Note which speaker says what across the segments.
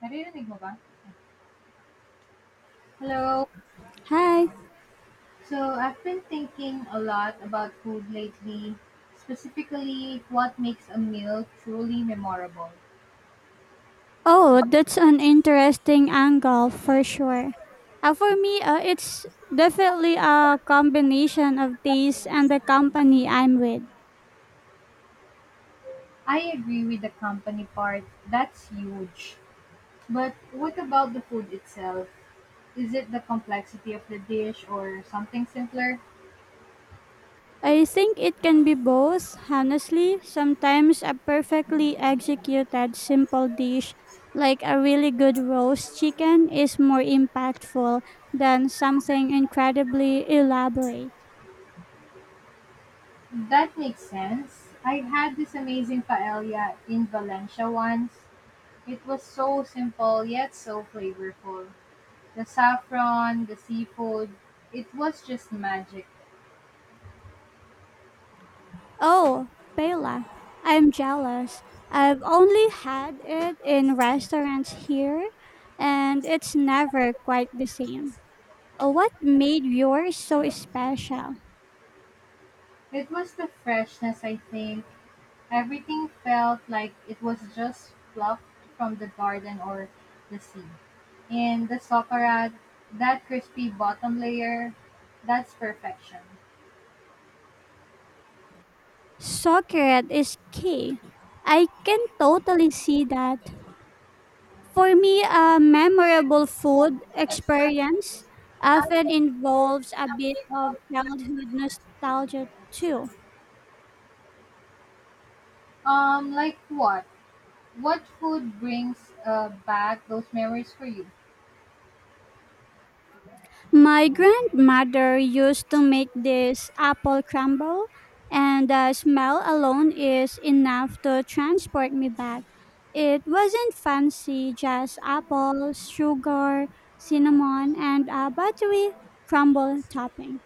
Speaker 1: Naririnig mo ba? Hello.
Speaker 2: Hi.
Speaker 1: So, I've been thinking a lot about food lately, specifically what makes a meal truly memorable.
Speaker 2: Oh, that's an interesting angle for sure. For me, it's definitely a combination of taste and the company I'm with.
Speaker 1: I agree with the company part, that's huge. But what about the food itself? Is it the complexity of the dish or something simpler?
Speaker 2: I think it can be both, honestly. Sometimes a perfectly executed simple dish like a really good roast chicken is more impactful than something incredibly elaborate.
Speaker 1: That makes sense. I had this amazing paella in Valencia once. It was so simple yet so flavorful. The saffron, the seafood, it was just magic.
Speaker 2: Oh, Bela, I'm jealous. I've only had it in restaurants here, and it's never quite the same. What made yours so special?
Speaker 1: It was the freshness, I think. Everything felt like it was just plucked from the garden or the sea. And the socarrat, that crispy bottom layer, that's perfection.
Speaker 2: Socret is key. I can totally see that. For me, a memorable food experience often involves a bit of childhood nostalgia too.
Speaker 1: Like what? What food brings back those memories for you?
Speaker 2: My grandmother used to make this apple crumble, and the smell alone is enough to transport me back. It wasn't fancy, just apples, sugar, cinnamon, and a buttery crumble topping.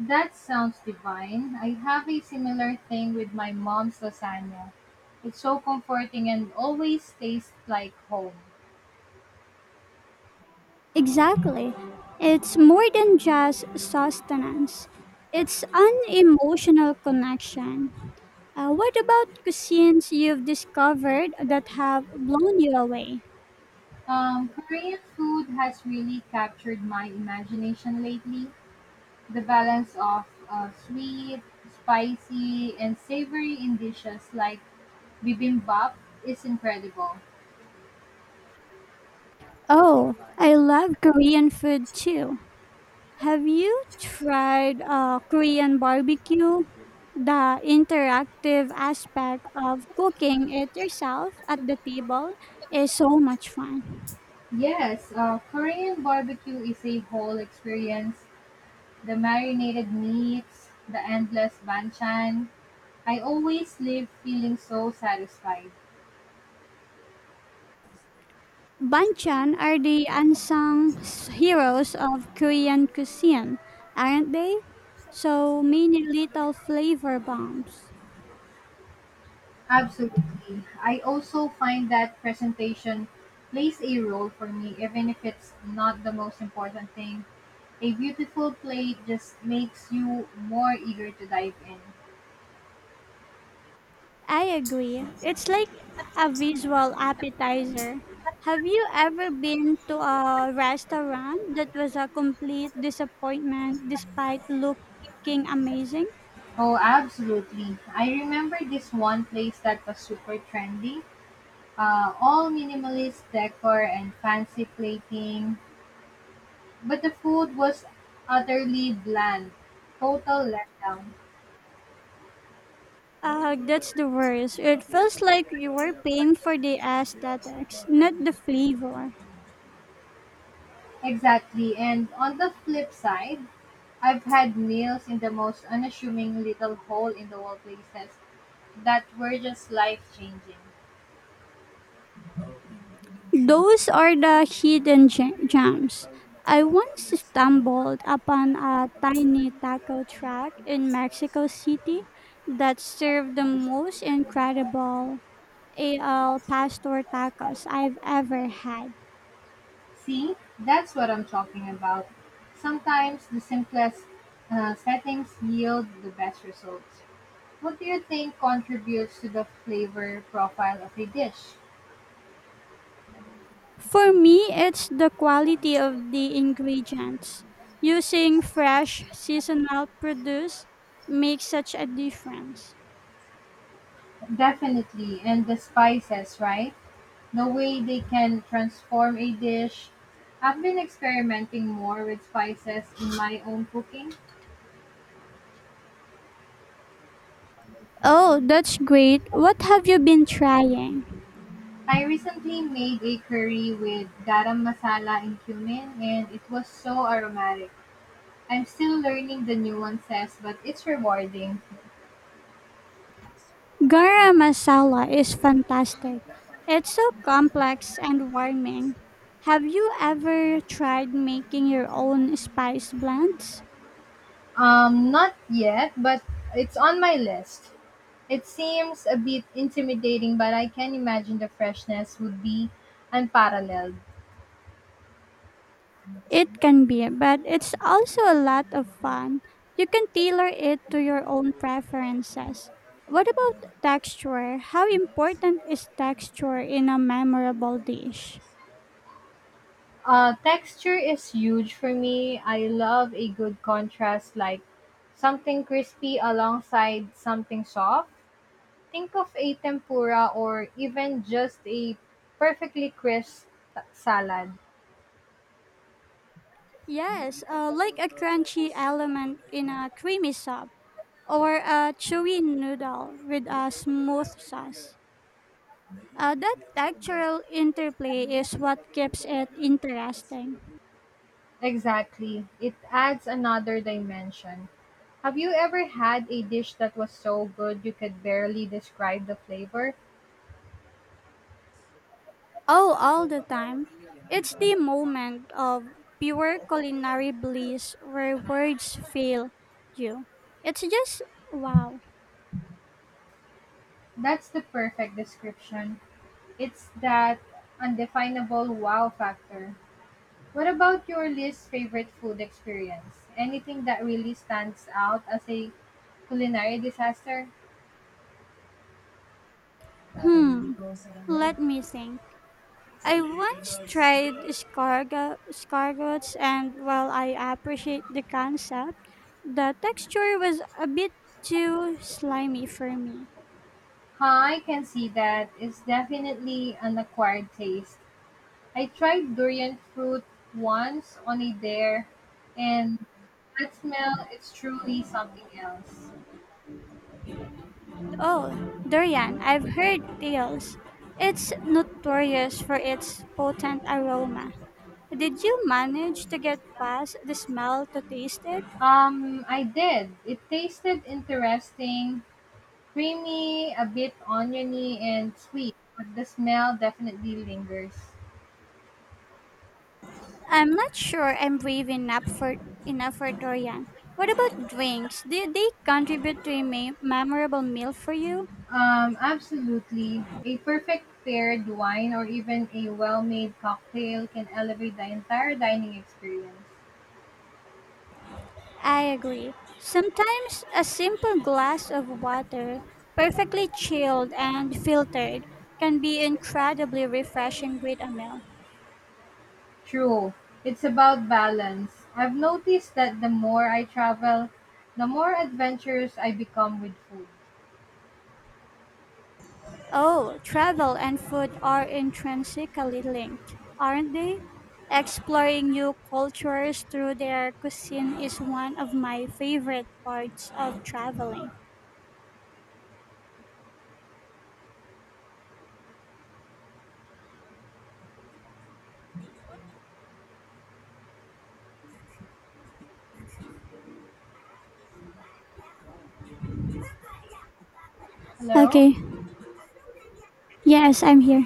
Speaker 1: That sounds divine. I have a similar thing with my mom's lasagna. It's so comforting and always tastes like home.
Speaker 2: Exactly. It's more than just sustenance, it's an emotional connection. What about cuisines you've discovered that have blown you away?
Speaker 1: Korean food has really captured my imagination lately. The balance of sweet, spicy, and savory in dishes like bibimbap is incredible.
Speaker 2: Oh, I love Korean food too. Have you tried Korean barbecue? The interactive aspect of cooking it yourself at the table is so much fun.
Speaker 1: Yes, Korean barbecue is a whole experience. The marinated meats, the endless banchan, I always leave feeling so satisfied.
Speaker 2: Banchan are the heroes of Korean cuisine, aren't they? So many little flavor bombs.
Speaker 1: Absolutely. I also find that presentation plays a role for me, even if it's not the most important thing. A beautiful play just makes you more eager to dive in.
Speaker 2: I agree. It's like a visual appetizer. Have you ever been to a restaurant that was a complete disappointment despite looking amazing?
Speaker 1: Oh, absolutely. I remember this one place that was super trendy. All minimalist decor and fancy plating, but the food was utterly bland. Total letdown.
Speaker 2: That's the worst. It feels like you were paying for the aesthetics, not the flavor.
Speaker 1: Exactly. And on the flip side, I've had meals in the most unassuming little hole in the wall places that were just life changing.
Speaker 2: Those are the hidden gems. I once stumbled upon a tiny taco truck in Mexico City that served the most incredible AL pastor tacos I've ever had.
Speaker 1: See, that's what I'm talking about. Sometimes the simplest settings yield the best results. What do you think contributes to the flavor profile of a dish?
Speaker 2: For me, it's the quality of the ingredients. Using fresh seasonal produce makes such a difference.
Speaker 1: Definitely, and the spices, right? The way they can transform a dish. I've been experimenting more with spices in my own cooking.
Speaker 2: Oh, that's great. What have you been trying?
Speaker 1: I recently made a curry with garam masala and cumin, and it was so aromatic. I'm still learning the nuances, but it's rewarding.
Speaker 2: Garam masala is fantastic. It's so complex and warming. Have you ever tried making your own spice blends?
Speaker 1: Not yet, but it's on my list. It seems a bit intimidating, but I can imagine the freshness would be unparalleled.
Speaker 2: It can be, but it's also a lot of fun. You can tailor it to your own preferences. What about texture? How important is texture in a memorable dish?
Speaker 1: Texture is huge for me. I love a good contrast, like something crispy alongside something soft. Think of a tempura or even just a perfectly crisp salad.
Speaker 2: Yes, like a crunchy element in a creamy soup, or a chewy noodle with a smooth sauce. That textural interplay is what keeps it interesting.
Speaker 1: Exactly. It adds another dimension. Have you ever had a dish that was so good you could barely describe the flavor?
Speaker 2: Oh, all the time. It's the moment of pure culinary bliss where words fail you. It's just wow.
Speaker 1: That's the perfect description. It's that undefinable wow factor. What about your least favorite food experience? Anything that really stands out as a culinary disaster?
Speaker 2: Hmm. Let me think. I once tried escargot, escargots, and while I appreciate the concept, the texture was a bit too slimy for me.
Speaker 1: Huh, I can see that. It's definitely an acquired taste. I tried durian fruit once on a dare, and that smell is truly something else.
Speaker 2: Oh, durian, I've heard tales. It's notorious for its potent aroma. Did you manage to get past the smell to taste it?
Speaker 1: I did. It tasted interesting, creamy, a bit oniony, and sweet, but the smell definitely lingers.
Speaker 2: I'm not sure I'm brave enough for durian. What about drinks? Did they contribute to a memorable meal for you?
Speaker 1: Absolutely. A perfect paired wine or even a well made cocktail can elevate the entire dining experience.
Speaker 2: I agree. Sometimes a simple glass of water, perfectly chilled and filtered, can be incredibly refreshing with a meal.
Speaker 1: True, it's about balance. I've noticed that the more I travel, the more adventurous I become with food.
Speaker 2: Oh, travel and food are intrinsically linked, aren't they? Exploring new cultures through their cuisine is one of my favorite parts of traveling.
Speaker 1: Hello?
Speaker 2: Okay. Yes, I'm here.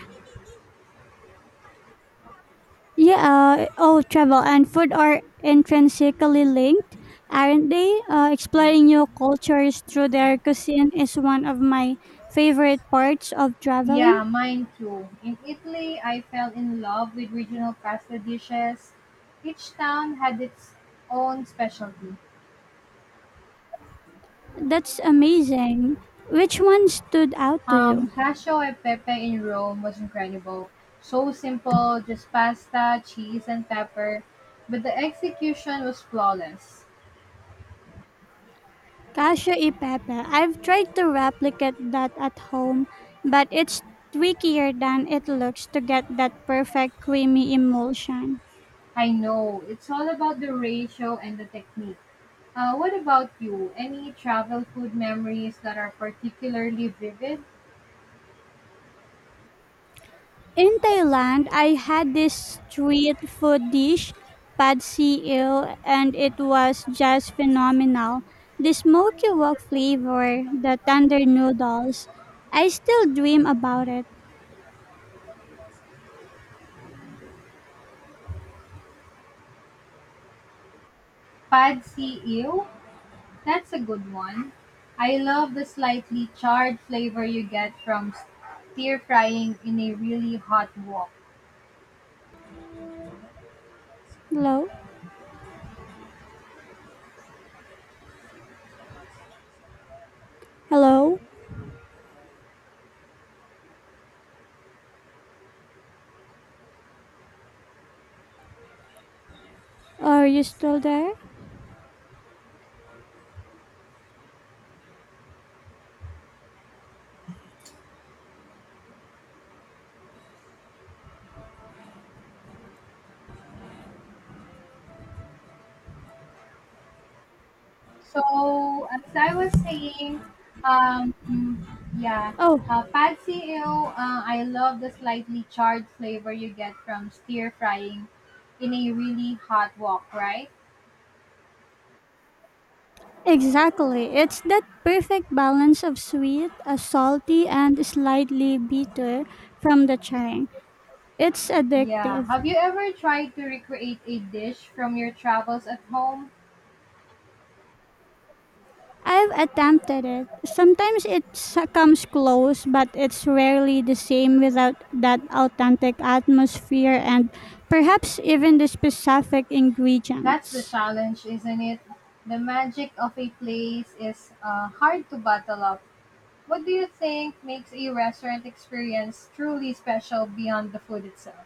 Speaker 2: Yeah, all travel and food are intrinsically linked, aren't they? Exploring new cultures through their cuisine is one of my favorite parts of traveling.
Speaker 1: Yeah, mine too. In Italy, I fell in love with regional pasta dishes. Each town had its own specialty.
Speaker 2: That's amazing. Which one stood out to
Speaker 1: Um,
Speaker 2: you?
Speaker 1: cacio e pepe in Rome was incredible. So simple, just pasta, cheese, and pepper, but the execution was flawless.
Speaker 2: Casio e Pepe. I've tried to replicate that at home, but it's trickier than it looks to get that perfect creamy emulsion.
Speaker 1: I know, it's all about the ratio and the technique. What about you? Any travel food memories that are particularly vivid?
Speaker 2: In Thailand, I had this street food dish, pad see ew, and it was just phenomenal. The smoky wok flavor, the tender noodles. I still dream about it.
Speaker 1: Pad see ew? That's a good one. I love the slightly charred flavor you get from stir frying in a really hot wok.
Speaker 2: Hello? Hello? Are you still there?
Speaker 1: So, as I was saying, um, yeah,
Speaker 2: Oh,
Speaker 1: pad see ew, I love the slightly charred flavor you get from stir frying in a really hot wok, right?
Speaker 2: exactly. It's that perfect balance of sweet, a salty, and slightly bitter from the chang. It's
Speaker 1: Yeah.
Speaker 2: addictive.
Speaker 1: Have you ever tried to recreate a dish from your travels at home?
Speaker 2: I've attempted it. Sometimes it comes close, but it's rarely the same without that authentic atmosphere and perhaps even the specific
Speaker 1: That's the
Speaker 2: ingredients.
Speaker 1: challenge, isn't it? The magic of a place is hard to bottle up. What do you think makes a restaurant experience truly special beyond the food itself?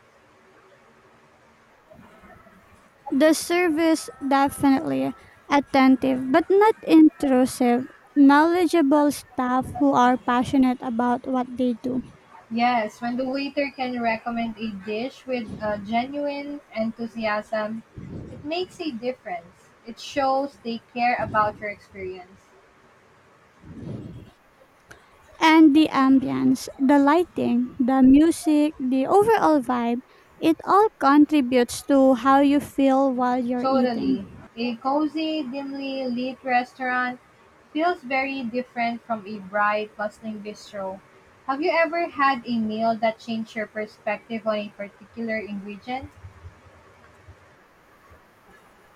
Speaker 2: The service definitely attentive, but not intrusive, knowledgeable staff who are passionate about what they do.
Speaker 1: Yes, when the waiter can recommend a dish with genuine enthusiasm, it makes a difference. It shows they care about your experience.
Speaker 2: And the ambience, the lighting, the music, the overall vibe, it all contributes to how you feel while you're eating.
Speaker 1: Totally. A cozy, dimly lit restaurant feels very different from a bright, bustling bistro. Have you ever had a meal that changed your perspective on a particular ingredient?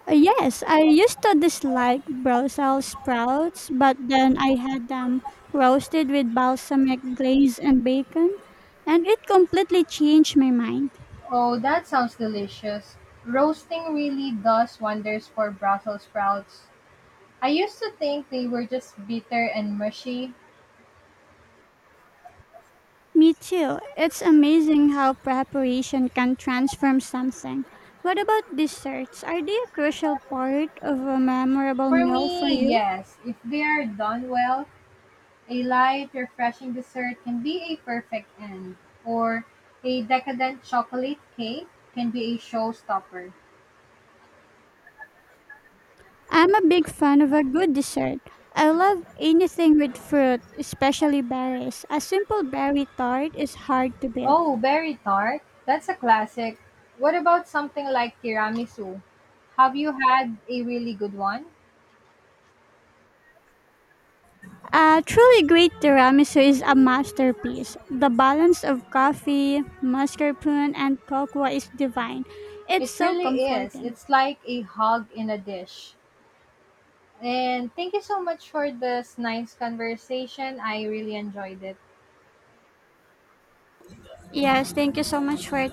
Speaker 2: Yes, I used to dislike Brussels sprouts, but then I had them roasted with balsamic glaze and bacon, and it completely changed my mind.
Speaker 1: Oh, that sounds delicious. Roasting really does wonders for Brussels sprouts. I used to think they were just bitter and mushy.
Speaker 2: Me too. It's amazing how preparation can transform something. What about desserts? Are they a crucial part of a memorable
Speaker 1: For
Speaker 2: meal for
Speaker 1: me,
Speaker 2: you?
Speaker 1: yes, if they are done well, a light, refreshing dessert can be a perfect end, or a decadent chocolate cake can be a showstopper.
Speaker 2: I'm a big fan of a good dessert. I love anything with fruit, especially berries. A simple berry tart is hard to beat.
Speaker 1: Oh, berry tart? That's a classic. What about something like tiramisu? Have you had a really good one?
Speaker 2: A truly great tiramisu is a masterpiece. The balance of coffee, mascarpone, and cocoa is divine. It's
Speaker 1: It
Speaker 2: so
Speaker 1: really is.
Speaker 2: comforting.
Speaker 1: It's like a hug in a dish. And thank you so much for this nice conversation. I really enjoyed it.
Speaker 2: Yes, thank you so much for your